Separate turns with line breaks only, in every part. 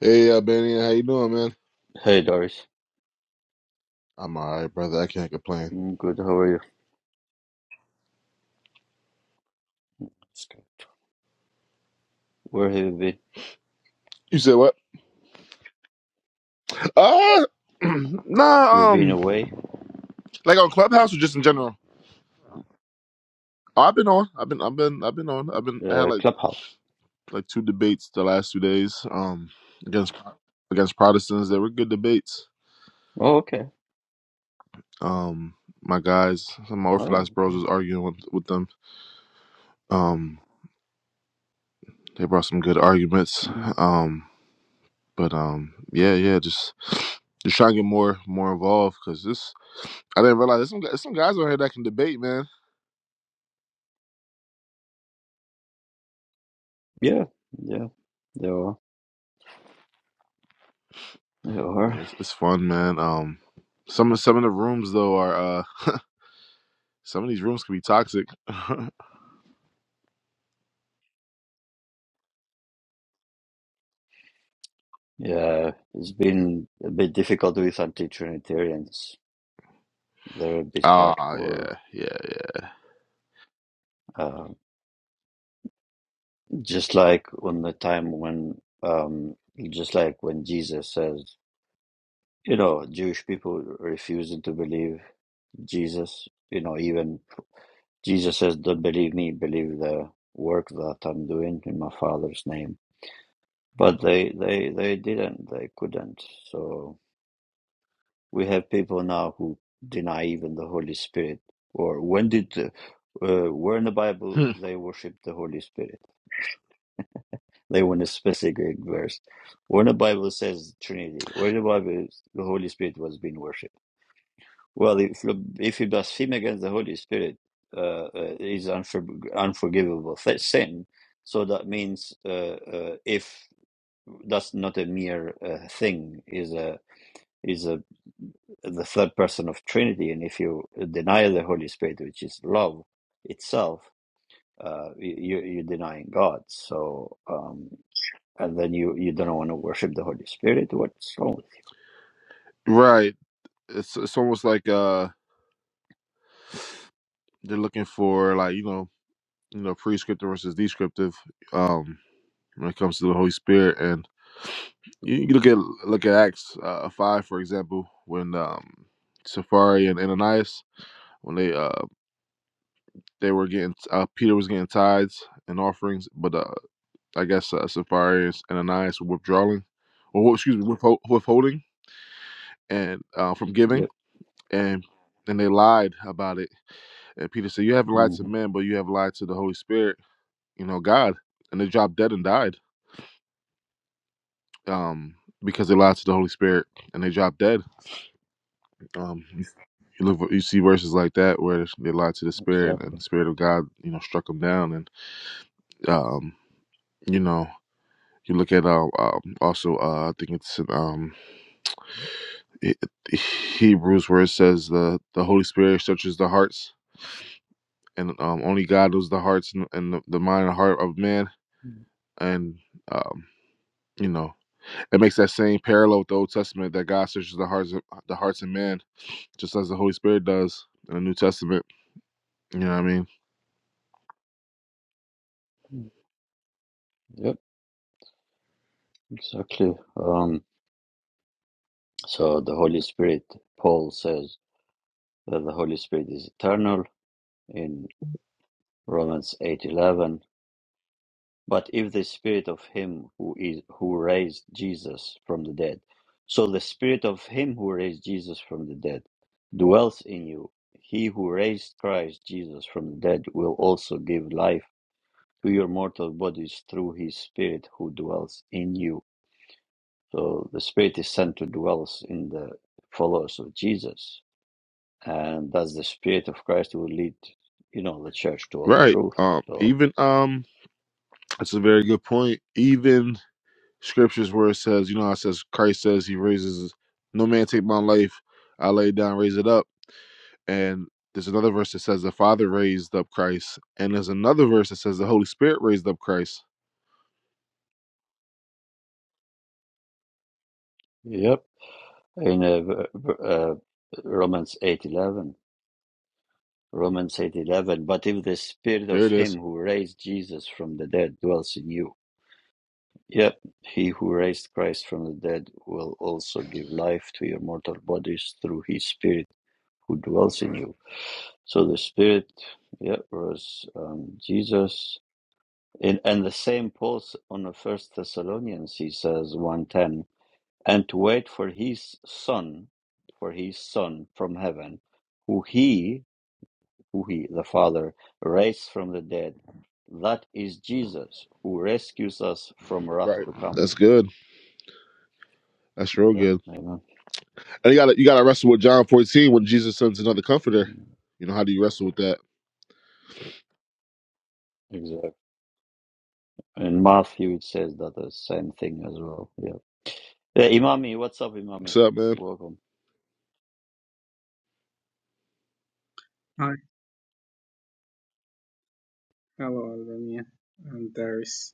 Hey, Albanian, how you doing, man?
Hey Doris,
I'm all right, brother. I can't complain.
I'm good. How are you? It's good. Where have you been?
You said what? Uh,
You've
nah.
been
Um,
away?
like on Clubhouse or just in general? Oh, I've been on. I've been. I've been. I've been on. I've been. I had
Uh,
like
Clubhouse.
like two debates the last two days. Um, against against Protestants, they were good debates.
Oh, okay.
Um, my guys, some of my
Oh,
Orthodox bros
okay.
was arguing with with them. Um, they brought some good arguments.
Mm.
Um, but um, yeah, yeah, just just trying to get more more involved because this I didn't realize there's some there's some guys out here that can debate, man.
Yeah, yeah. There are. There are.
Yeah, it's, it's fun, man. Um, some of some of the rooms though are uh, some of these rooms can be toxic.
Yeah, it's been a bit difficult with anti-Trinitarians. They're a bit
Ah,
hardcore.
yeah, yeah,
Uh, just like on the time when, um, just like when Jesus says, you know, Jewish people refusing to believe Jesus. You know, even. Jesus says, Don't believe me, believe the work that I'm doing in my Father's name. But they, they, they didn't, they couldn't. So we have people now who deny even the Holy Spirit. Or when did, uh, uh, where in the Bible
Hmm.
they worship the Holy Spirit? They want a specific verse. Where in the Bible says Trinity? Where in the Bible the Holy Spirit was being worshipped? Well, if if you blaspheme against the Holy Spirit, uh, uh, is unfor- unforgivable th- sin. So that means uh, uh, if that's not a mere uh, thing, is a is a the third person of Trinity, and if you deny the Holy Spirit, which is love itself, uh, you you- you're denying God. So um, and then you you don't want to worship the Holy Spirit. What's wrong with you?
right. It's it's almost like uh they're looking for like you know you know prescriptive versus descriptive um when it comes to the Holy Spirit, and you, you look at look at Acts uh, five for example when um Safari and Ananias when they uh they were getting uh Peter was getting tithes and offerings, but uh I guess uh, Sapphires and Ananias were withdrawing, or well, excuse me, withhold, withholding and uh, from giving,
Yep,
and and they lied about it. And Peter said, "You haven't lied to
hmm
men, but you have lied to the Holy Spirit, you know, God." And they dropped dead and died um, because they lied to the Holy Spirit, and they dropped dead. Um, you you look, you see verses like that where they lied to the Spirit, and
exactly.
the Spirit of God, you know, struck them down. And um, you know, you look at uh, um, also, uh, I think it's in, um, He- Hebrews where it says the the Holy Spirit searches the hearts, and um, only God knows the hearts and, and the, the mind and heart of man. And um, you know, it makes that same parallel with the Old Testament that God searches the hearts of, the hearts of man, just as the Holy Spirit does in the New Testament. You know what I mean?
Mhm. Yep, exactly. So the Holy Spirit, Paul says that the Holy Spirit is eternal in Romans 8:11. But if the spirit of him who is who raised Jesus from the dead, so the spirit of him who raised Jesus from the dead dwells in you. He who raised Christ Jesus from the dead will also give life to your mortal bodies through his spirit who dwells in you. So the spirit is sent to dwell in the followers of Jesus and that's the spirit of Christ who will lead you know the church to all the
Right.
truth.
Um.
So
Even um. That's a very good point. Even scriptures where it says, you know, how it says Christ says He raises no man take my life, I lay it down, raise it up And there's another verse that says the Father raised up Christ. And there's another verse that says the Holy Spirit raised up Christ.
yep, in uh, uh, Romans eight eleven, Romans eight eleven. But if the spirit of
There it is.
Him who raised Jesus from the dead dwells in you, yep, He who raised Christ from the dead will also give life to your mortal bodies through His Spirit who dwells in you. So the Spirit, yeah, was um, Jesus. And, and the same Paul on the First Thessalonians, he says one ten, and to wait for his Son, for his Son from heaven, who he, who he, the Father, raised from the dead. That is Jesus, who rescues us from wrath
Right.
to come.
That's good. That's real
Yeah,
good.
amen.
And you gotta you gotta wrestle with John 14 when Jesus sends another comforter. You know, how do you wrestle with that?
Exactly. In Matthew, it says that the same thing as well. yeah. Yeah, Imami, what's up, Imami?
What's up, man?
Welcome.
Hi, hello, Albania. I'm Darius.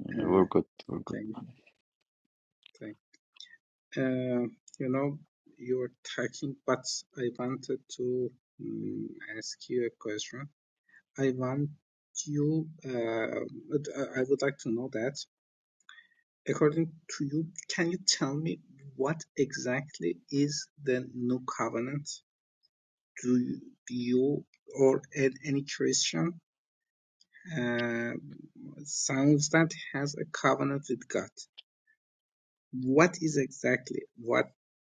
Uh,
Uh,
We're good. We're good.
thank you. Thank uh, you. know, you're talking, but I wanted to mm ask you a question. I want you, uh, but I I would like to know that, according to you, can you tell me what exactly is the New Covenant? Do you, you or an- any Christian uh, sounds that has a covenant with God? what is exactly what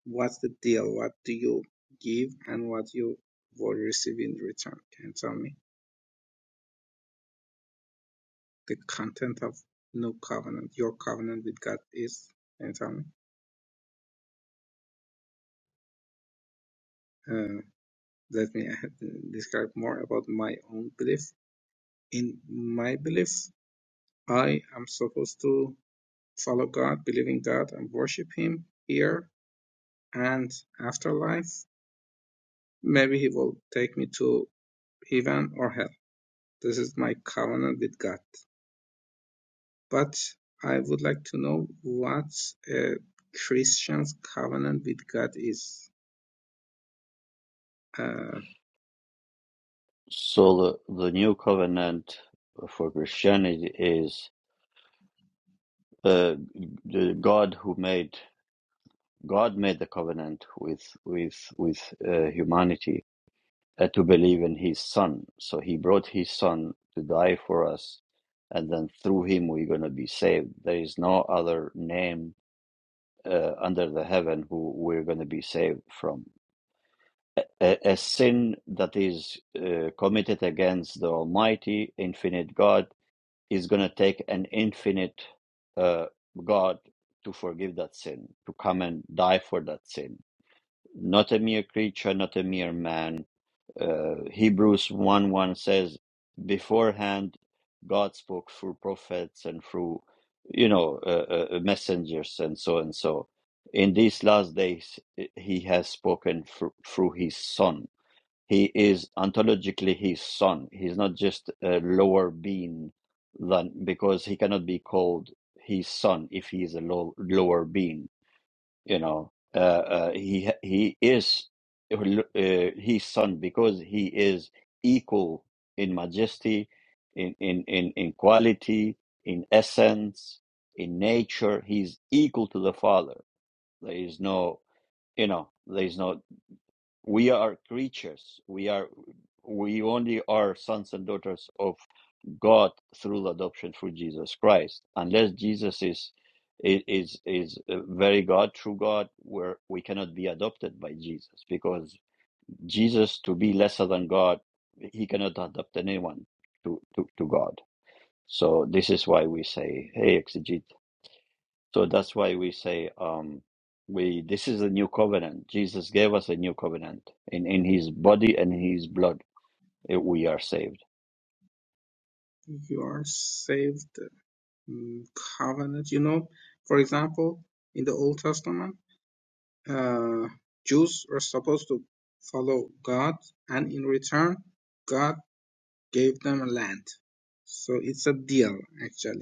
what's the deal what do you give and what you will receive in return can you tell me the content of new covenant your covenant with god is can you tell me uh, let me uh, describe more about my own belief in my belief i am supposed to follow god believe in god and worship him here and afterlife maybe he will take me to heaven or hell This is my covenant with God. But I would like to know what a Christian's covenant with God is. Uh,
So the, the new covenant for Christianity is uh, the God who made God made the covenant with with with uh, humanity uh, to believe in His Son. So He brought His Son to die for us, and then through Him we're gonna be saved. There is no other name uh, under the heaven who we're gonna be saved from. a, a sin that is uh, committed against the Almighty, infinite God, is going to take an infinite uh, God to forgive that sin, to come and die for that sin. Not a mere creature, not a mere man. Uh, Hebrews 1 1 says, beforehand, God spoke through prophets and through, you know, uh, uh, uh, messengers and so and so. In these last days, he has spoken through, through his son he is ontologically his son. He's not just a lower being than because he cannot be called his son if he is a low, lower being. You know, uh, uh, he he is uh, his son because he is equal in majesty, in in in, in quality, in essence, in nature. He's equal to the father. There is no you know. There is no we are creatures we are we only are sons and daughters of god through adoption through jesus christ unless jesus is is is uh, very god true god where we cannot be adopted by jesus because jesus to be lesser than god he cannot adopt anyone to to, to god so this is why we say hey exegesis so that's why we say um, we this is a new covenant. Jesus gave us a new covenant in in His body and in His blood. eh, We are saved.
you are saved mm, covenant. You know, for example, in the Old Testament, uh, Jews were supposed to follow God, and in return, God gave them a land. So it's a deal, actually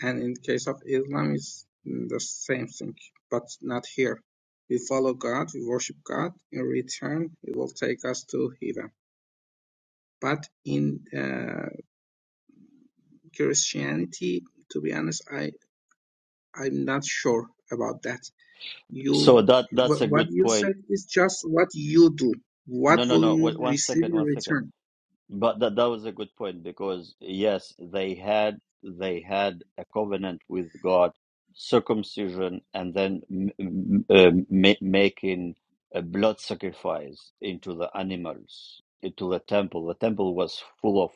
And in the case of Islam, it's the same thing, but not here. We follow God, we worship God. In return, He will take us to heaven. But in uh, Christianity, to be honest, I I'm not sure about that. You
So that that's
wh-
a
what
good
you
point.
said is just what you do. What
No, no,
will
no.
you
Wait, one
receive
second,
in
one second.
return?
But that that was a good point because yes, they had they had a covenant with God, circumcision, and then m m- um, ma- making a blood sacrifice into the animals, into the temple. The temple was full of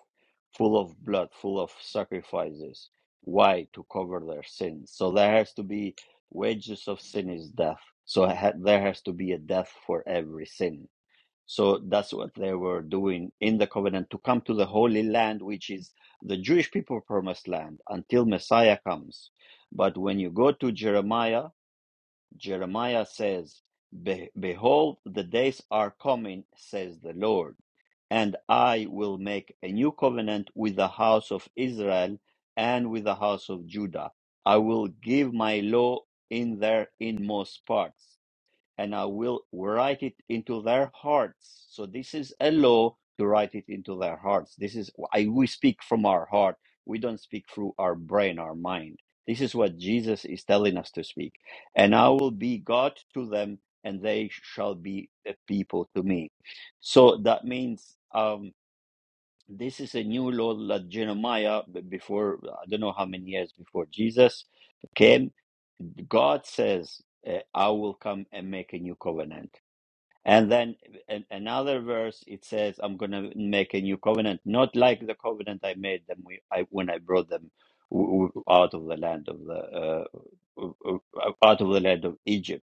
full of blood, full of sacrifices. Why? To cover their sins. So there has to be wages of sin is death. So ha there has to be a death for every sin so that's what they were doing in the covenant to come to the Holy Land, which is the Jewish people promised land until Messiah comes. But when you go to Jeremiah, Jeremiah says, "Be- Behold, the days are coming, says the Lord, and I will make a new covenant with the house of Israel and with the house of Judah. I will give my law in their inmost parts and I will write it into their hearts. So this is a law to write it into their hearts. This is I, we speak from our heart. We don't speak through our brain, our mind. This is what Jesus is telling us to speak. And I will be God to them, and they shall be a people to me. So that means um, this is a new law that Jeremiah, b- before I don't know how many years before Jesus came, God says, uh, I will come and make a new covenant and then in another verse, it says, "I'm going to make a new covenant, not like the covenant I made them we, I, when I brought them w- w- out of the land of the uh, w- w- out of the land of Egypt."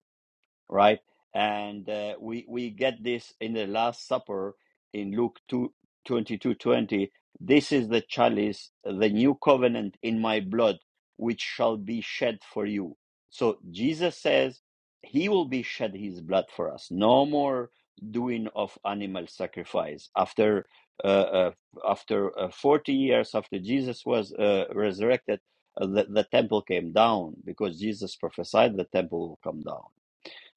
right? And uh, we we get this in the Last Supper in Luke 2 22 20. This is the chalice, the new covenant in my blood, which shall be shed for you. So Jesus says he will be shed his blood for us. No more doing of animal sacrifice. After uh, uh, after uh, 40 years after Jesus was uh, resurrected, uh, the, the temple came down because Jesus prophesied the temple will come down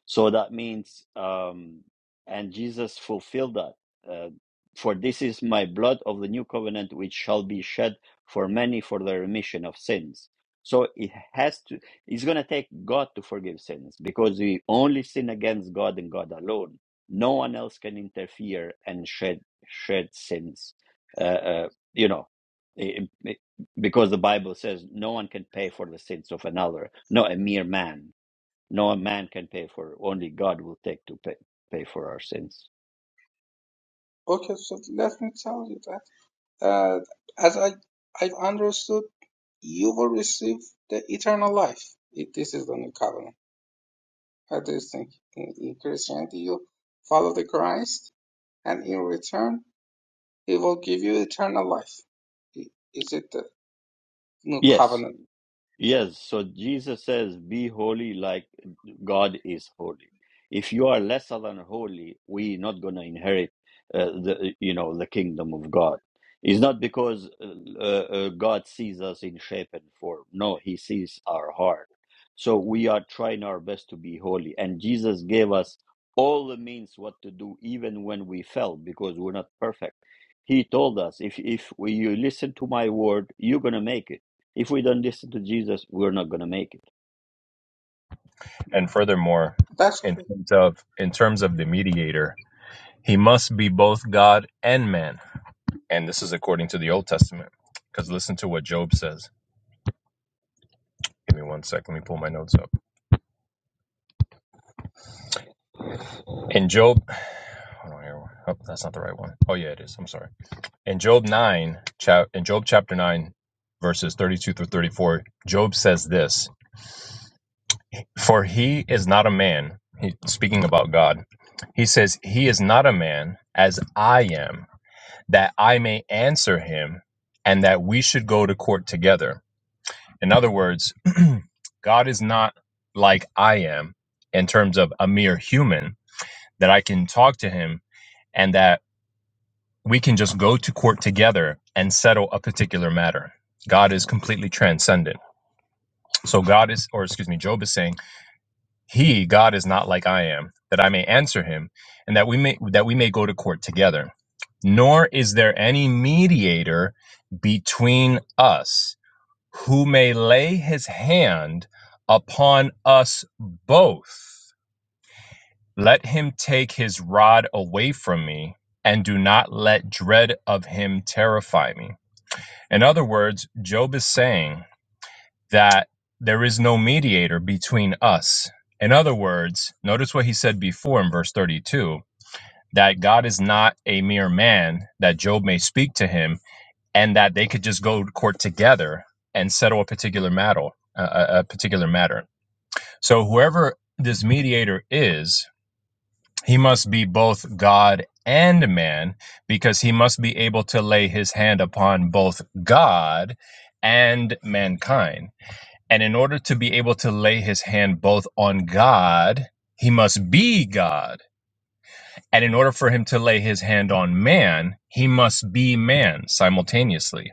so that means, um, and Jesus fulfilled that. Uh, for this is my blood of the new covenant, which shall be shed for many for the remission of sins. So it has to, it's going to take God to forgive sins because we only sin against God and God alone. No one else can interfere and shed, shed sins. Uh, uh, you know, i- i- because the Bible says no one can pay for the sins of another, not a mere man no man can pay for it. Only God will take to pay, pay for our sins.
Okay, so let me tell you that. Uh, as I I've understood you will receive the eternal life. It- This is the new covenant. What do you think? In, in Christianity, you follow the Christ, and in return, He will give you eternal life. I- Is it the new
Yes.
covenant? So
Yes, so Jesus says, Be holy like God is holy. If you are lesser than holy, we're not going to inherit uh, the you know the kingdom of God. It's not because uh, uh, uh, God sees us in shape and form. No, He sees our heart. So we are trying our best to be holy, and Jesus gave us all the means what to do, even when we fell, because we're not perfect. He told us, if if we, you listen to my word, you're gonna make it if we don't listen to Jesus, we're not gonna make it.
And furthermore,
That's
in
okay.
terms of in terms of the mediator, he must be both God and man. And this is according to the Old Testament. Because listen to what Job says. Give me one sec. Let me pull my notes up. In Job, hold on here. Oh, that's not the right one. Oh yeah, it is. I'm sorry. In Job nine, chap in Job chapter nine, verses thirty-two through thirty-four, Job says this: "For he is not a man." He, speaking about God, he says, "He is not a man as I am." that I may answer him and that we should go to court together. In other words, God is not like I am in terms of a mere human that I can talk to him and that we can just go to court together and settle a particular matter. God is completely transcendent. So God is, or excuse me, Job is saying, He, God, is not like I am, that I may answer him, and that we may that we may go to court together. Nor is there any mediator between us who may lay his hand upon us both. Let him take his rod away from me, and do not let dread of him terrify me. In other words, Job is saying that there is no mediator between us. In other words, notice what he said before in verse 32 that God is not a mere man, that Job may speak to him, and that they could just go to court together and settle a particular matter. A, a particular matter. So, whoever this mediator is, he must be both God and man because he must be able to lay his hand upon both God and mankind and in order to be able to lay his hand both on God, he must be God. And in order for him to lay his hand on man, he must be man simultaneously.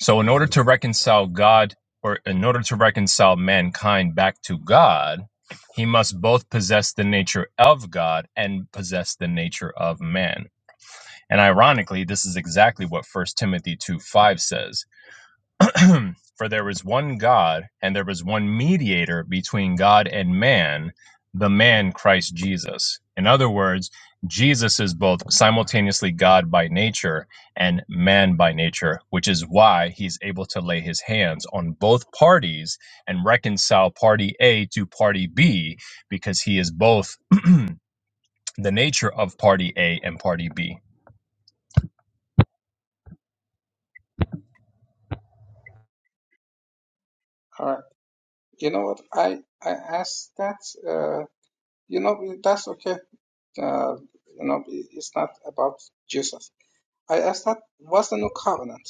So, in order to reconcile God, or in order to reconcile mankind back to God, he must both possess the nature of God and possess the nature of man. And ironically, this is exactly what First Timothy 2 5 says For there was one God, and there was one mediator between God and man, the man Christ Jesus. In other words, Jesus is both simultaneously God by nature and man by nature, which is why he's able to lay his hands on both parties and reconcile party A to party B, because he is both the nature of party A and party B. The
All right. You know what? I I asked that. Uh, you know that's okay. Uh, you know it- it's not about Jesus. I asked that. What's the new covenant?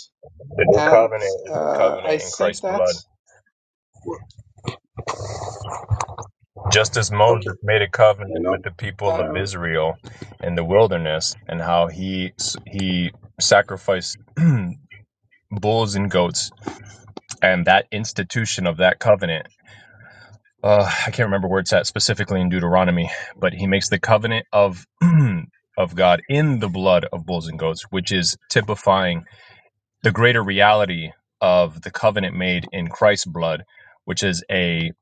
new
And
covenant is the
uh, I
covenant in
think
Christ's
that.
blood.
well,
Just as
Okay.
Moses made a
You
covenant
know.
with the people of
um,
Israel in the wilderness, and how he he sacrificed bulls and goats, and that institution of that covenant uh, I can't remember where it's at specifically in Deuteronomy, but he makes the covenant of of God in the blood of bulls and goats, which is typifying the greater reality of the covenant made in Christ's blood, which is a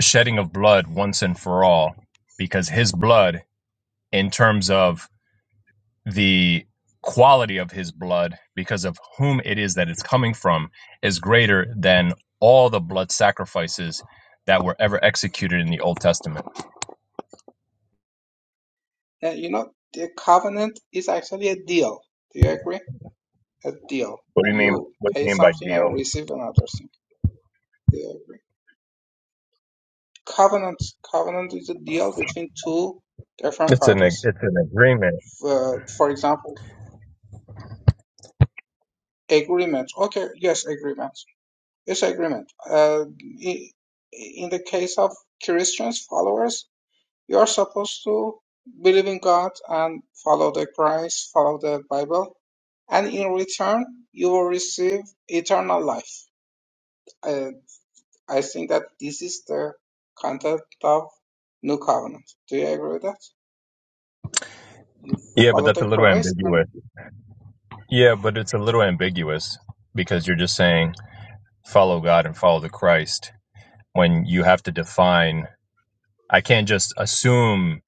shedding of blood once and for all, because his blood, in terms of the quality of his blood, because of whom it is that it's coming from, is greater than all the blood sacrifices that were ever executed in the Old Testament.
Uh, you know, the covenant is actually a deal. Do you agree? A deal.
What do you mean?
You
What do
pay
you mean by
something
deal?
and receive another thing. Do you agree? Covenant, covenant is a deal between two different
It's an ag-
parties.
it's an agreement.
Uh, for example, agreement. Okay, yes, agreement. Yes, agreement. Uh, i- in the case of Christians, followers, You are supposed to believe in God and follow the Christ, follow the Bible, and in return, you will receive eternal life. I, I think that this is the content of New Covenant. Do you agree with that? You
Yeah, but
follow
that's
the
a little
Christ, and
ambiguous. Yeah, but it's a little ambiguous because you're just saying follow God and follow the Christ when you have to define. I can't just assume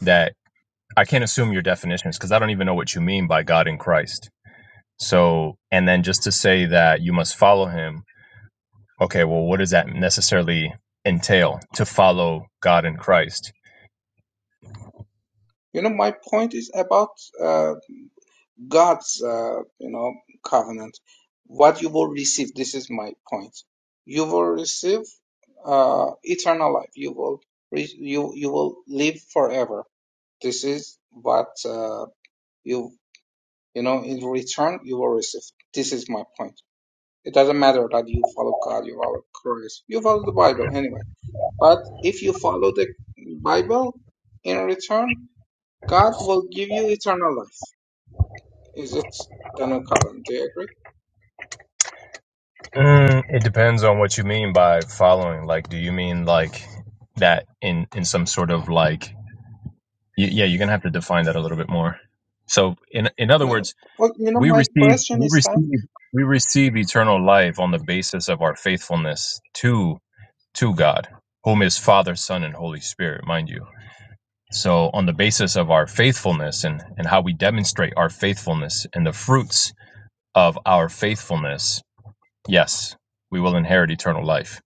that I can't assume your definitions because I don't even know what you mean by God and Christ. So, and then just to say that you must follow Him. Okay, well, what does that necessarily entail to follow God and Christ?
you know, my point is about uh, God's, uh, you know, covenant, what you will receive. This is my point. You will receive uh, eternal life. You will re- you you will live forever. This is what uh, you you know in return you will receive. This is my point. It doesn't matter that you follow God, you follow Christ, you follow the Bible anyway. But if you follow the Bible, in return, God will give you eternal life. Is it the new covenant? Do you agree?
Mm, it depends on what you mean by following. Like, do you mean like that in in some sort of like? You, yeah, you're gonna have to define that a little bit more. So, in in other
No, no.
words,
well, you know,
We
my
receive
question
we
is that
receive we receive eternal life on the basis of our faithfulness to to God, whom is Father, Son, and Holy Spirit, mind you. So on the basis of our faithfulness and, and how we demonstrate our faithfulness and the fruits of our faithfulness, yes, we will inherit eternal life.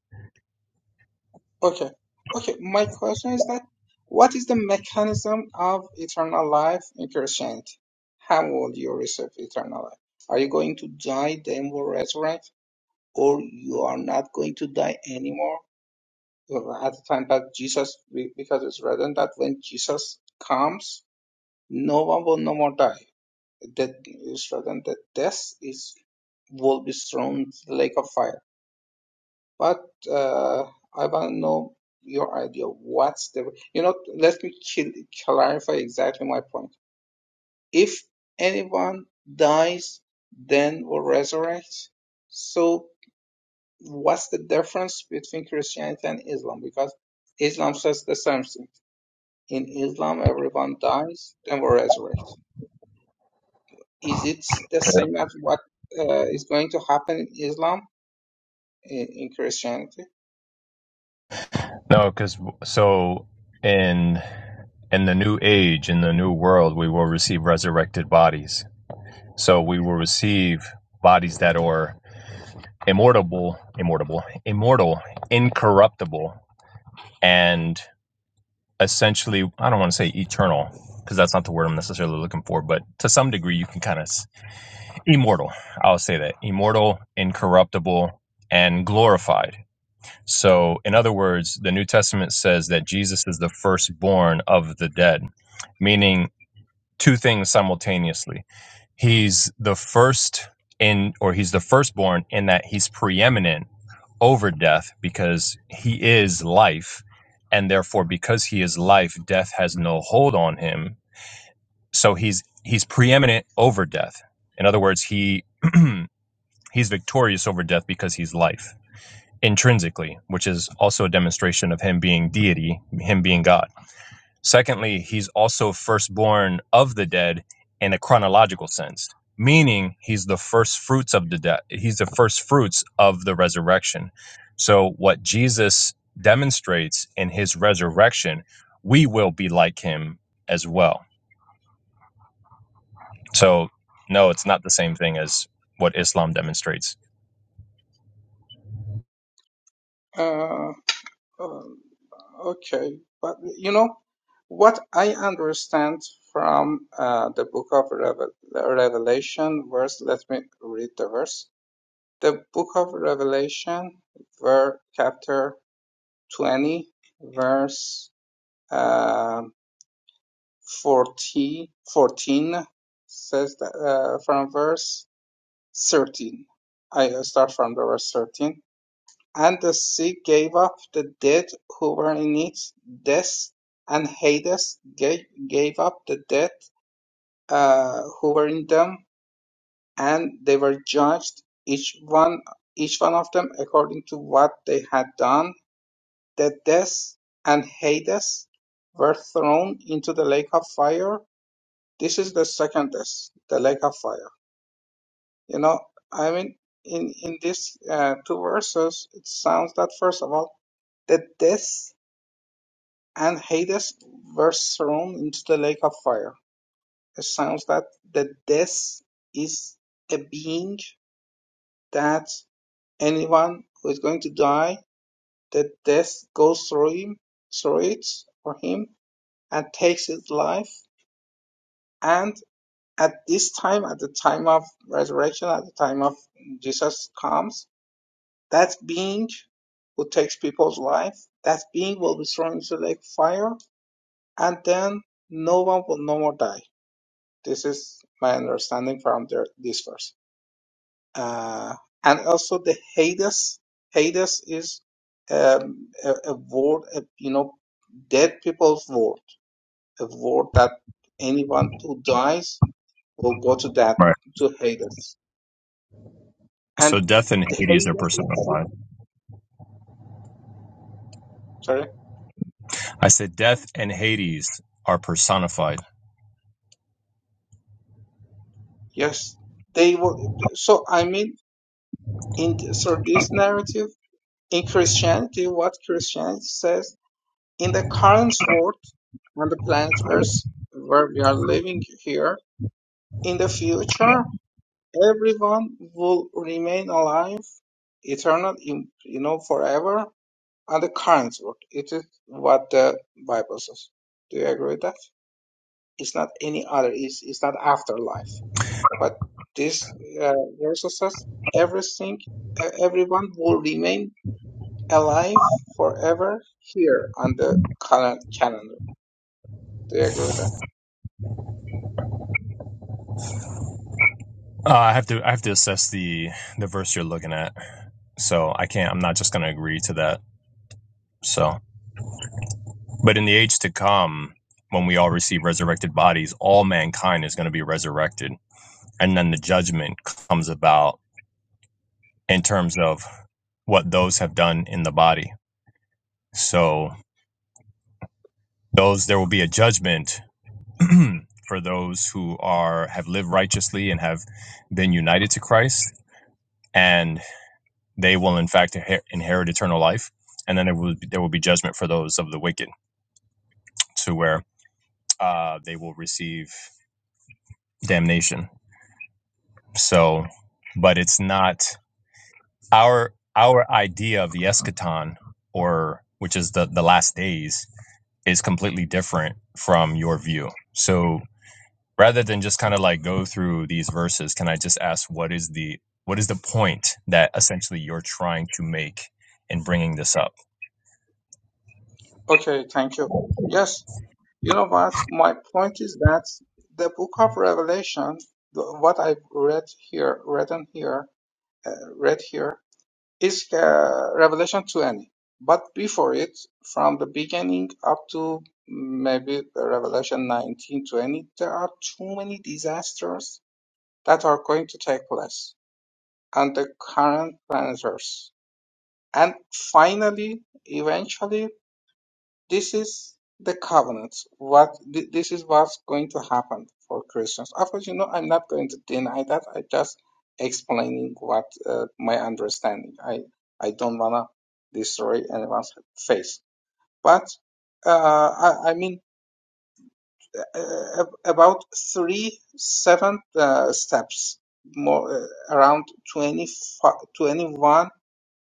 okay, okay. My question is that what is the mechanism of eternal life in Christianity? How will you receive eternal life? Are you going to die, then will resurrect, or you are not going to die anymore? Well, At the time that Jesus, be- because it's written that when Jesus comes, no one will no more die. that rather than that death is will be thrown to the lake of fire. But uh, I want to know your idea. What's the you know? Let me kill, clarify exactly my point. If anyone dies, then will resurrect. So what's the difference between Christianity and Islam? Because Islam says the same thing. In Islam, everyone dies, then will resurrect. Is it the same as what uh, is going to happen in Islam? in, in Christianity.
No, because so in in the new age, in the new world, we will receive resurrected bodies. So we will receive bodies that are immortal, immortal, immortal, incorruptible, and essentially, I don't want to say eternal because that's not the word I'm necessarily looking for, but to some degree, you can kind of immortal. I'll say that immortal, incorruptible, and glorified. So, in other words, the New Testament says that Jesus is the firstborn of the dead, meaning two things simultaneously. He's the first in, or he's the firstborn in that he's preeminent over death because he is life. And therefore, because he is life, death has no hold on him. So he's he's preeminent over death. In other words, he he's victorious over death because he's life intrinsically, which is also a demonstration of him being deity, him being God. Secondly, he's also firstborn of the dead in a chronological sense, meaning he's the first fruits of the dead. He's the first fruits of the resurrection. So what Jesus demonstrates in his resurrection, we will be like him as well. So no, it's not the same thing as what Islam demonstrates.
Uh, um, okay, but you know what I understand from uh, the book of Revel Revelation verse. Let me read the verse. The book of Revelation, verse chapter twenty, verse uh, 40, 14 says that, uh, from verse thirteen. I uh, start from the verse thirteen And the sea gave up the dead who were in it. Death and Hades gave, gave up the dead uh, who were in them, and they were judged, each one, each one of them according to what they had done. The death and Hades were thrown into the lake of fire. This is the second death, the lake of fire. You know, I mean, in in these uh, two verses, it sounds that first of all, the death and Hades were thrown into the lake of fire. It sounds that the death is a being that anyone who is going to die, the death goes through him, through it for him, and takes his life. And at this time, at the time of resurrection, at the time of Jesus comes, that being who takes people's life, that being will be thrown into the lake of fire, and then no one will no more die This is my understanding from their, this verse. Uh, and also the Hades, Hades is um, a, a word, a, you know, dead people's word, a word that anyone who dies will go to that,
Right.
to Hades. And
So death and
the
Hades
Hades
are
is true.
personified.
sorry,
I said death and Hades are personified.
yes, they were, so I mean, in, so this narrative, in Christianity, what Christianity says in the current world on the planet Earth where we are living here, in the future, everyone will remain alive eternal, in, you know, forever on the current world. It is what the Bible says. Do you agree with that? It's not any other, it's, it's not afterlife. But this uh, verse says everything, uh, everyone will remain alive forever here on the current calendar. Do you agree with that?
Uh, I have to I have to assess the the verse you're looking at. So I can't I'm not just going to agree to that. So, but in the age to come when we all receive resurrected bodies, all mankind is going to be resurrected. And then the judgment comes about in terms of what those have done in the body. So, those there will be a judgment for those who are have lived righteously and have been united to Christ, and they will in fact inher- inherit eternal life. And then there will be, there will be judgment for those of the wicked, to where uh, they will receive damnation. So, but it's not our our idea of the eschaton, or which is the the last days, is completely different from your view. So rather than just kind of like go through these verses can i just ask what is the what is the point that essentially you're trying to make in bringing this up
Okay, thank you. Yes, you know what? My point is that the book of Revelation, the- what I've read here, written here, uh, read here, is uh, Revelation 20. But before it, from the beginning up to maybe Revelation 19 20, there are too many disasters that are going to take place on the current planet Earth. And finally, eventually, This is the covenant. What thi- this is what's going to happen for Christians. Of course, you know I'm not going to deny that. I just explaining what uh, my understanding. I I don't wanna destroy anyone's faith. But uh, I, I mean uh, about three seven uh, steps more uh, around 20,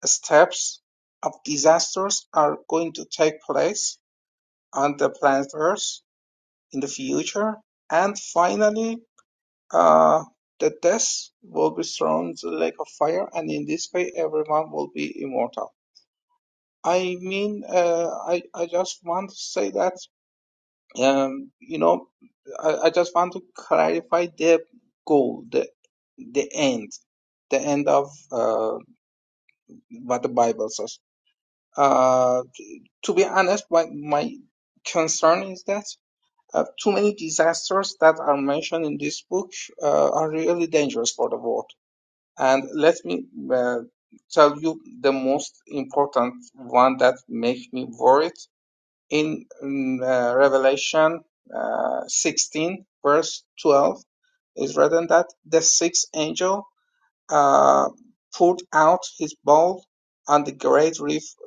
steps of disasters are going to take place on the planet Earth in the future. And finally, uh, the death will be thrown to the lake of fire, and in this way, everyone will be immortal. I mean, uh, I, I just want to say that, um, you know, I, I just want to clarify the goal, the, the end, the end of uh, what the Bible says. Uh, to be honest, my, my concern is that. Uh, too many disasters that are mentioned in this book uh, are really dangerous for the world. And let me uh, tell you the most important one that makes me worried in mm, uh, Revelation uh, 16, verse 12 is written that the sixth angel uh, poured out his bowl on the great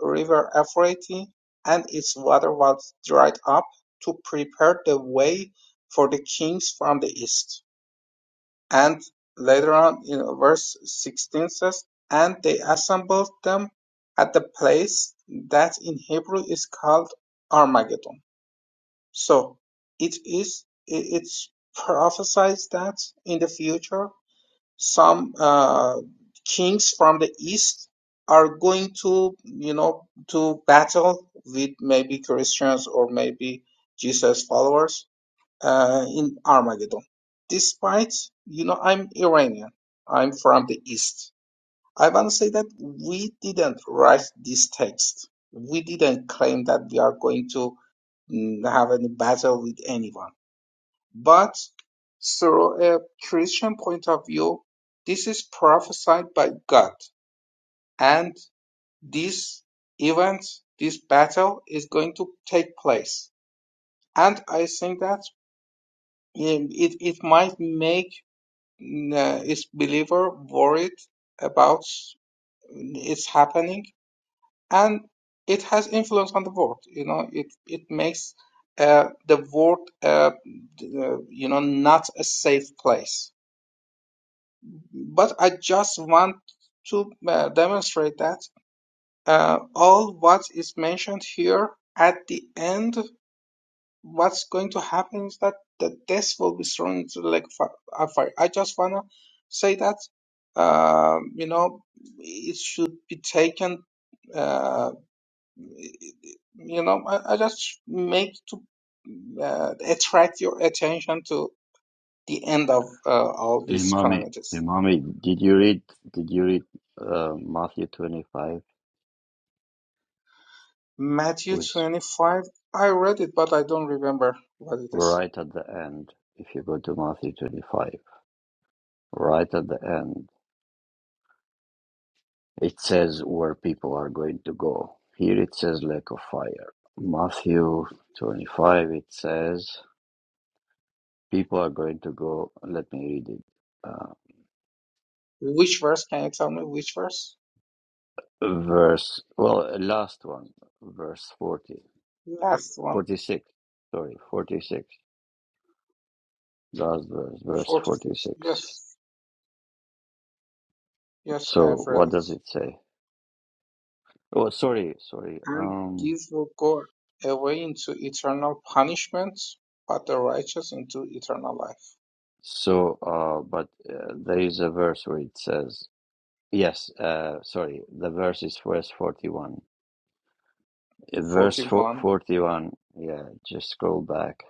river Euphrates, and its water was dried up to prepare the way for the kings from the east. And later on in verse 16 says, and they assembled them at the place that in Hebrew is called Armageddon. So it is, it- it's prophesied that in the future some uh, kings from the east are going to you know to battle with maybe Christians or maybe Jesus followers uh, in Armageddon. Despite you know I'm Iranian, I'm from the east. I want to say that we didn't write this text. We didn't claim that we are going to mm, have any battle with anyone but through a Christian point of view, this is prophesied by God, and this event, this battle is going to take place. And I think that um, it, it might make uh, its believer worried about uh, its happening, and it has influence on the world. You know, it it makes uh, the world, uh, uh, you know, not a safe place. but I just want to uh, demonstrate that uh, all what is mentioned here at the end, what's going to happen is that the death will be thrown into the lake of fi- of fire. I just wanna say that um, you know it should be taken. Uh, you know, I, I just make to uh, attract your attention to the end of uh, all
Hey,
these
mommy.
calamities.
Hey, mommy. Did you read? Did you read uh, Matthew twenty-five? It
Matthew
Was
25. I read it, but I don't remember what it is.
right at the end. If you go to Matthew twenty-five, right at the end, it says where people are going to go. Here it says lake of fire. Matthew twenty-five. It says people are going to go. Let me read it. Uh,
Which verse? Can you tell me which verse?
verse. Well, last one. Verse forty.
Last one,
Forty-six. Sorry, forty-six. That's verse, verse
46.
46.
Yes, yes, I have
So
read
what
it.
does it say? Oh, sorry, sorry.
And
Um,
these will go away into eternal punishment, but the righteous into eternal life.
so, uh, but uh, there is a verse where it says, yes, uh, sorry, the verse is verse 41. Uh, Verse fo-
41.
41, yeah, just scroll back.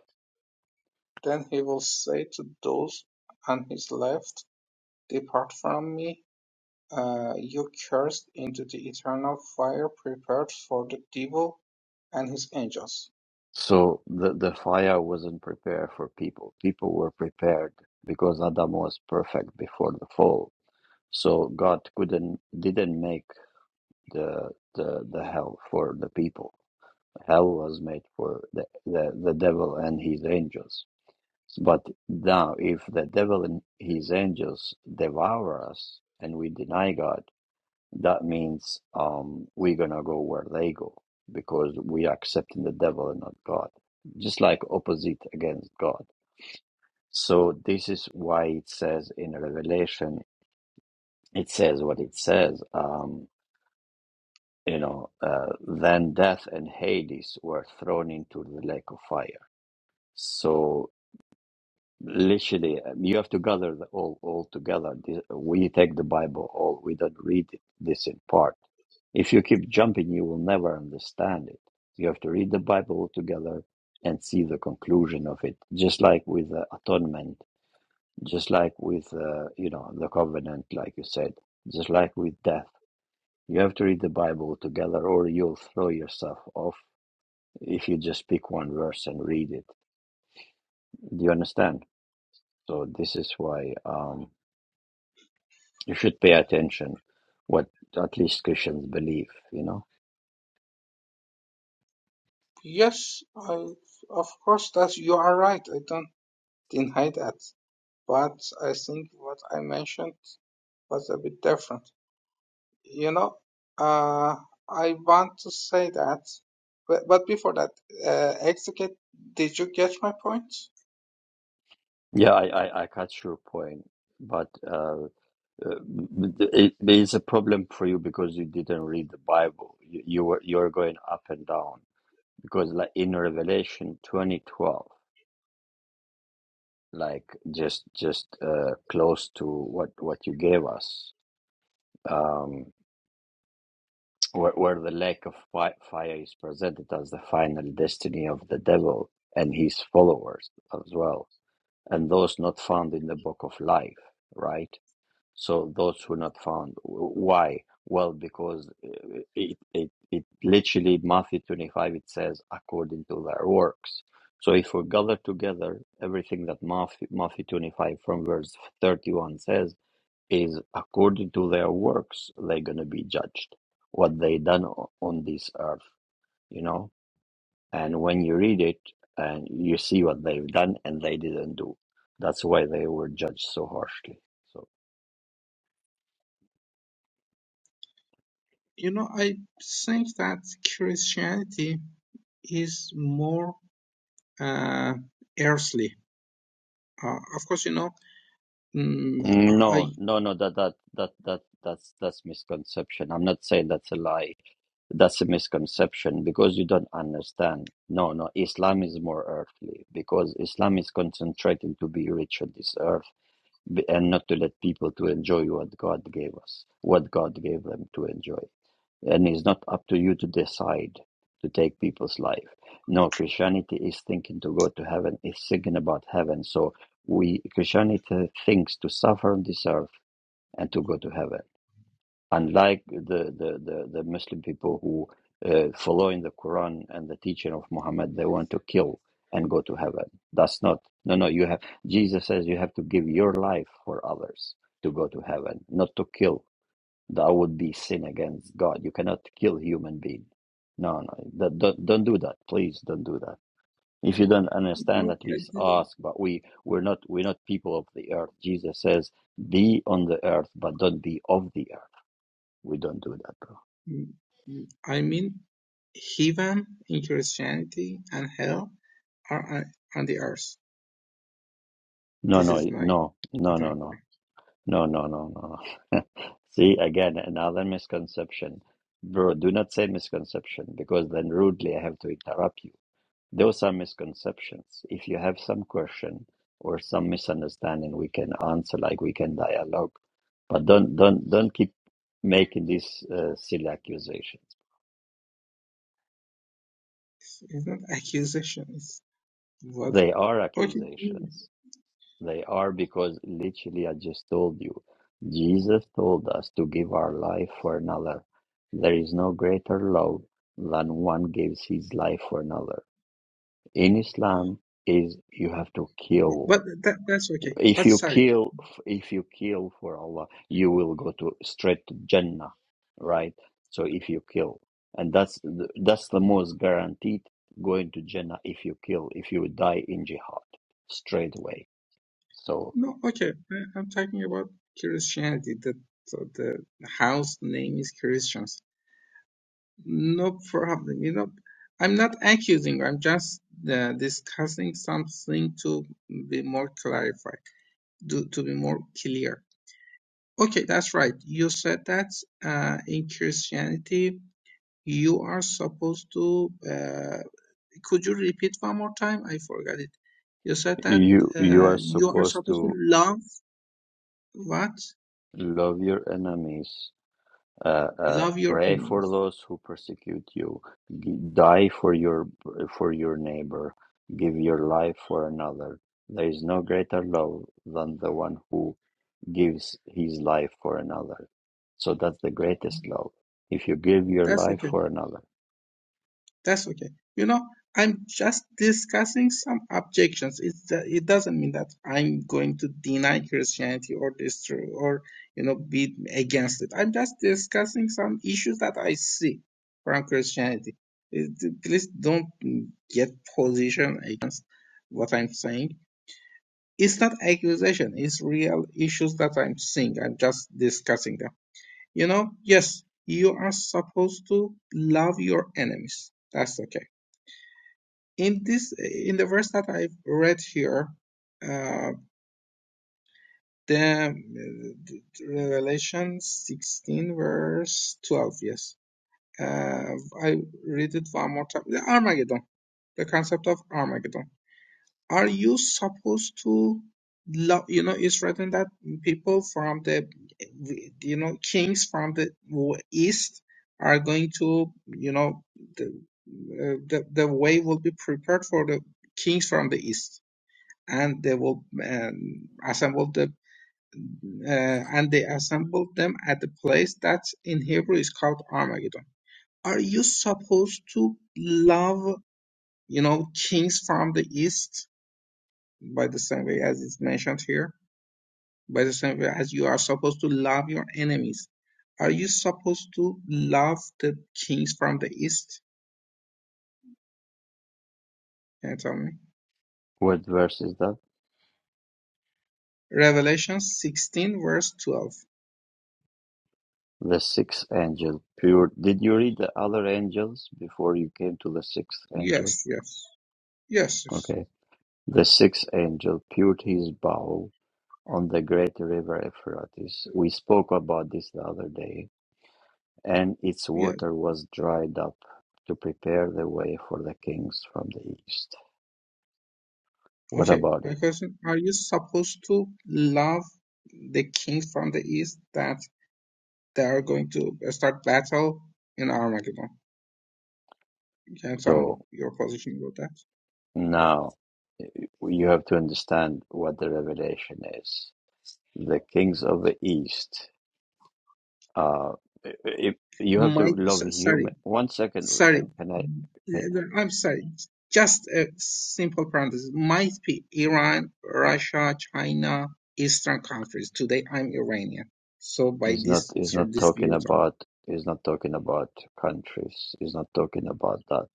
Then he will say to those on his left, Depart from me, Uh, you cursed into the eternal fire prepared for the devil and his angels.
So the, the fire wasn't prepared for people. People were prepared because Adam was perfect before the fall. So God couldn't, didn't make the, the, the hell for the people Hell was made for the, the, the devil and his angels. But now, if the devil and his angels devour us and we deny God, that means um, we're going to go where they go because we are accepting the devil and not God, just like opposite against God. So, this is why it says in Revelation, it says what it says. Um, you know, uh, then death and Hades were thrown into the lake of fire. So Literally, um, you have to gather the- all all together. This- We take the Bible all. We don't read it, this in part. If you keep jumping, you will never understand it. You have to read the Bible altogether and see the conclusion of it. Just like with the atonement, just like with uh, you know the covenant, like you said, just like with death. You have to read the Bible together, or you'll throw yourself off if you just pick one verse and read it. Do you understand? So this is why. Um, you should pay attention what at least Christians believe, you know.
Yes, I, of course that you are right. I don't deny that. But I think what I mentioned was a bit different. You know, uh, I want to say that, but, but before that, uh, exegete, did you get my point?
Yeah, I, I, I catch your point, but uh, uh, it, it is a problem for you because you didn't read the Bible. You, you were you're going up and down because like in Revelation 2012, like just just uh, close to what what you gave us, um, where, where the lake of fi- fire is presented as the final destiny of the devil and his followers as well and those not found in the book of life, right? So those who not found. Why? Well, because uh, it, it, it literally, Matthew 25, it says, according to their works. So if we gather together, everything that Matthew, Matthew 25 from verse 31 says is according to their works, they're going to be judged, what they done o- on this earth, you know? And when you read it and you see what they've done and they didn't do, that's why they were judged so harshly. So
You know, I think that Christianity is more uh, earthly Uh, of course, you know, mm,
no,
I
no, no, that that that that that's that's misconception. I'm not saying that's a lie. That's a misconception because you don't understand. No, no, Islam is more earthly because Islam is concentrating to be rich on this earth b- and not to let people to enjoy what God gave us, what God gave them to enjoy. And it's not up to you to decide to take people's life. No, Christianity is thinking to go to heaven, it's thinking about heaven. So we Christianity thinks to suffer on this earth and to go to heaven. Unlike the, the, the, the Muslim people who uh, follow in the Quran and the teaching of Muhammad, they want to kill and go to heaven. That's not no no you have Jesus says you have to give your life for others to go to heaven, not to kill that would be sin against God. You cannot kill human being. No, no, that, don't don't do that. Please don't do that. If you don't understand,
no,
at
I
least
didn't.
ask. But we we're not we're not people of the earth. Jesus says, "Be on the earth, but don't be of the earth." We don't do that, bro.
mm, mm, I mean, heaven in Christianity and hell are on on the earth.
No,
This
no,
is my
no, no, no,
example.
no, no, no, no, no. See again another misconception, bro. Do not say misconception because then rudely I have to interrupt you Those are misconceptions. If you have some question or some misunderstanding, we can answer, like we can dialogue. But don't don't don't keep making these uh, silly accusations.
It's, it's not accusation. It's what?
They are
Okay, mm,
accusations. They are because literally I just told you, Jesus told us to give our life for another. There is no greater love than one gives his life for another. In Islam is you have to kill
but that that's okay.
If
But
you
sorry,
kill, if you kill for Allah, you will go to straight to Jannah, right? So if you kill, and that's the, that's the most guaranteed going to Jannah if you kill, if you die in jihad straight away. So
no, okay. I, I'm talking about Christianity. The so the house name is Christian. No problem. You know, I'm not accusing. I'm just uh, discussing something to be more clarified, to, to be more clear. Okay, that's right. You said that uh, in Christianity, you are supposed to. Uh, could you repeat one more time? I forgot it. You said that
you you
uh,
are
you are
supposed
supposed to
to
love what?
love your enemies uh, uh,
Love your
pray for
enemies.
those who persecute you G- die for your for your neighbor give your life for another there is no greater love than the one who gives his life for another so that's the greatest love if you give your
That's
life
okay.
for another
That's okay. You know, I'm just discussing some objections. It's the, it doesn't mean that I'm going to deny Christianity or destroy or you know be against it. I'm just discussing some issues that I see from Christianity. It- Please don't get position against what I'm saying. It's not accusation. It's real issues that I'm seeing. I'm just discussing them. You know, yes, you are supposed to love your enemies. That's okay in this in the verse that I've read here, uh, the, the Revelation 16 verse 12. Yes, uh, I read it one more time. The Armageddon, the concept of Armageddon. Are you supposed to love? You know, it's written that people from the you know kings from the east are going to you know the uh, the, the way will be prepared for the kings from the east and they will um, assemble the uh, and they assembled them at the place that in Hebrew is called Armageddon. Are you supposed to love you know kings from the east by the same way as it's mentioned here? By the same way as you are supposed to love your enemies, are you supposed to love the kings from the east? Can you tell me?
what verse is that
Revelation 16 verse 12.
the sixth angel pure did you read the other angels before you came to the sixth angel
Yes, yes, yes, yes,
okay the sixth angel pured his bow on the great river Euphrates. We spoke about this the other day, and its
yes.
water was dried up to prepare the way for the kings from the east. What
Okay,
about
my
it?
question, are you supposed to love the king from the east that they are going to start battle in Armageddon? Can you tell me
So
your position about that?
now you have to understand what the revelation is. The kings of the east. Uh, if you have
My,
to
so-
love
sorry,
human. One second,
sorry,
can can I? Can,
I'm sorry. Just a simple parenthesis. Might be Iran, Russia, China, Eastern countries. Today I'm Iranian. So by
he's not.
this,
He's
through
not
this
talking
view,
about. He's not talking about countries. He's not talking about that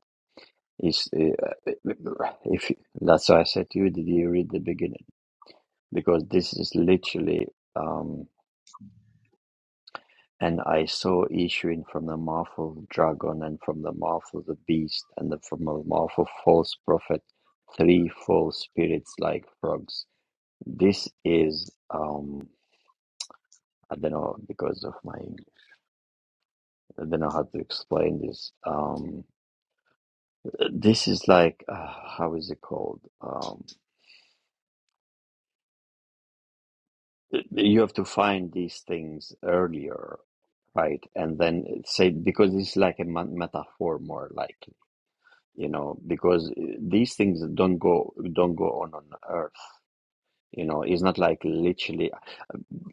Is uh, uh, if that's why I said to you, did you read the beginning? Because this is literally, um, and I saw issuing from the mouth of the dragon and from the mouth of the beast and the, from the mouth of false prophet, three false spirits like frogs. This is, um, I don't know because of my, I don't know how to explain this. Um, this is like, uh, how is it called? Um, you have to find these things earlier Right, and then say because it's like a metaphor more likely, you know, because uh, these things don't go don't go on on earth, you know. It's not like literally.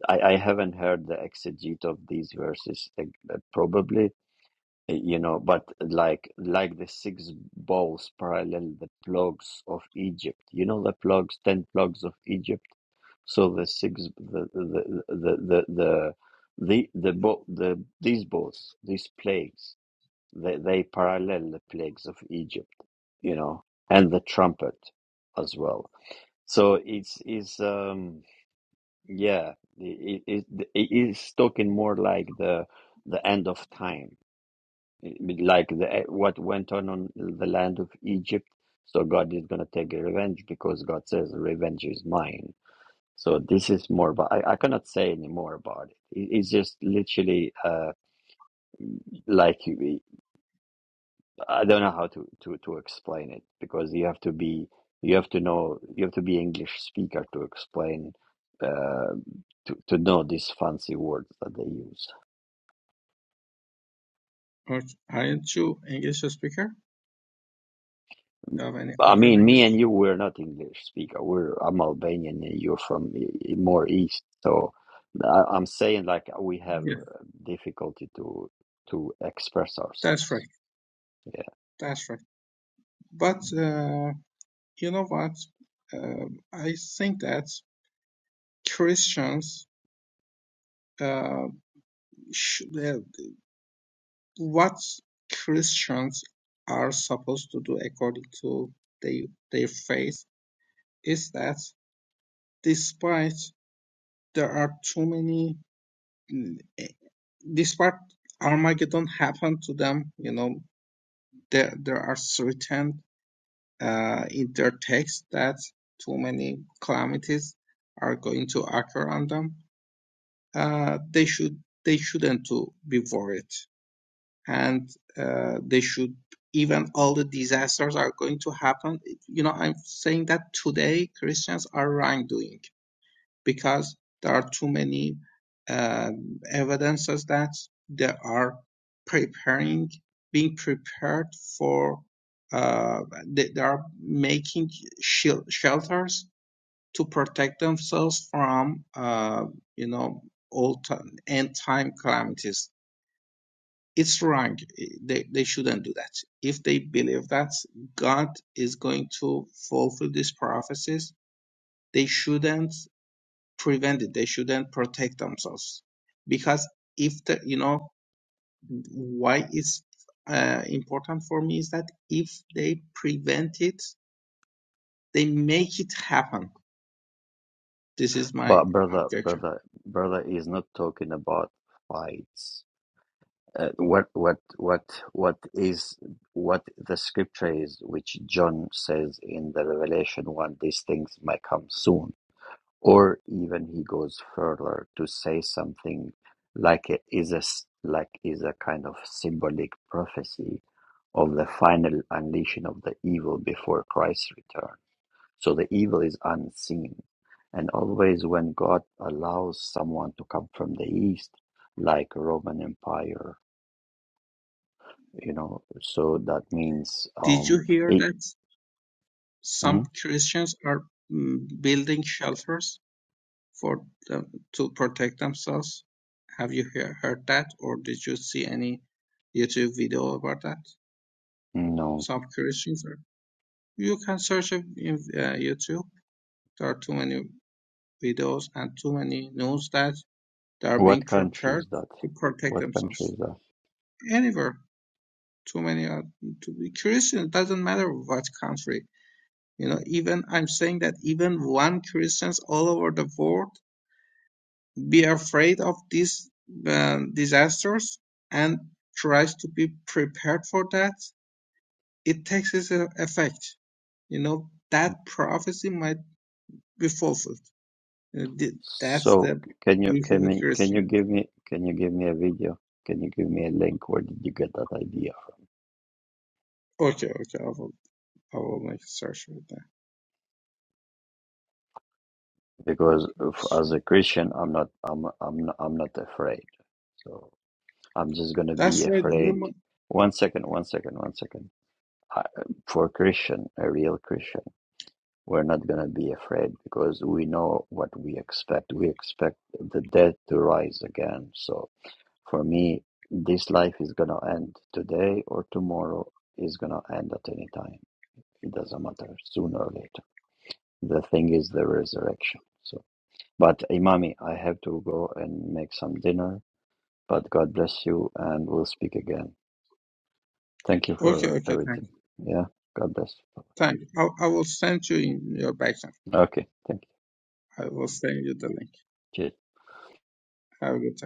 I, I haven't heard the exegete of these verses, uh, uh, probably, uh, you know, but like like the six bowls parallel the plagues of Egypt, you know, the plagues, ten plagues of Egypt. So the six the the the the the the the, the, bo- the these bowls, these plagues They, they parallel the plagues of Egypt, you know, and the trumpet as well. So it's, it's um, yeah, it, it, it's talking more like the, the end of time, like the, what went on on the land of Egypt. So God is going to take revenge because God says, revenge is mine. So this is more, but I, I cannot say any more about it. it. It's just literally uh, like I don't know how to, to, to explain it because you have to be you have to know you have to be English speaker to explain uh, to to know these fancy words that they use.
Okay. Aren't you English speaker? Do You have any
I
other
mean, me and
language?
you we're not English speaker. We're I'm Albanian and you're from e- e, more east. So I, I'm saying like we have
Yeah,
uh, difficulty to to express
that's right.
ourselves. Yeah,
That's right. But uh, you know what? Uh, I think that Christians, uh, sh- uh, what Christians are supposed to do according to they, their faith is that despite there are too many, mm, eh, despite Armageddon happened to them, you know, there, there are certain uh, intertext that too many calamities are going to occur on them, uh, they should they shouldn't to be worried, and uh, they should even all the disasters are going to happen. You know, I'm saying that today Christians are wrongdoing because there are too many um, evidences that they are preparing, being prepared for, uh, they, they are making shel- shelters to protect themselves from, uh, you know, all end time calamities. It's wrong. They, they shouldn't do that. If they believe that God is going to fulfill these prophecies, they shouldn't Prevent it. They shouldn't protect themselves because if the you know why it's uh, important for me is that if they prevent it, they make it happen. This is my
but brother,
objection.
brother, brother is not talking about fights uh, what what what what is what the scripture is which john says in the revelation one these things might come soon or even he goes further to say something like it is a s- like is a kind of symbolic prophecy of the final unleashing of the evil before christ's return so the evil is unseen and always when god allows someone to come from the east like roman empire you know. So that means
Did you
um
hear
it,
that some
mm,
Christians are mm, building shelters for them to protect themselves? Have you hear, heard that, or did you see any YouTube video about that?
no.
Some Christians are. You can search in uh, YouTube There are too many videos and too many news that they are being
What country
prepared
is that?
to protect
What country
themselves.
is that?
Anywhere, too many are to be Christian. It doesn't matter what country. You know, even I'm saying that even one Christians all over the world be afraid of these uh, disasters and tries to be prepared for that. It takes its uh, effect you know that prophecy might be fulfilled. You know, That's
So
the
can you
issue
can
with
me can you
Christianity.
give me can you give me a video? Can you give me a link? Where did you get that idea?
Okay, okay, I will, I will make a search for that.
Because if, as
Christian.
a Christian, I'm not I'm I'm not, I'm not afraid. So I'm just gonna be
That's right. You,
afraid.
mu-
One second, one second, one second. I, for a Christian, a real Christian. We're not going to be afraid because we know what we expect. We expect the dead to rise again. So for me, this life is going to end today or tomorrow is going to end at any time. It doesn't matter, sooner or later. The thing is the resurrection. So, but Imami, I have to go and make some dinner. But God bless you, and we'll speak again. Thank you
okay,
for
okay, thank
everything.
you,
Yeah, God bless. you.
thank you. I, I will send you in your back
Okay, thank you.
I will send you the link.
Cheers.
Have a good time.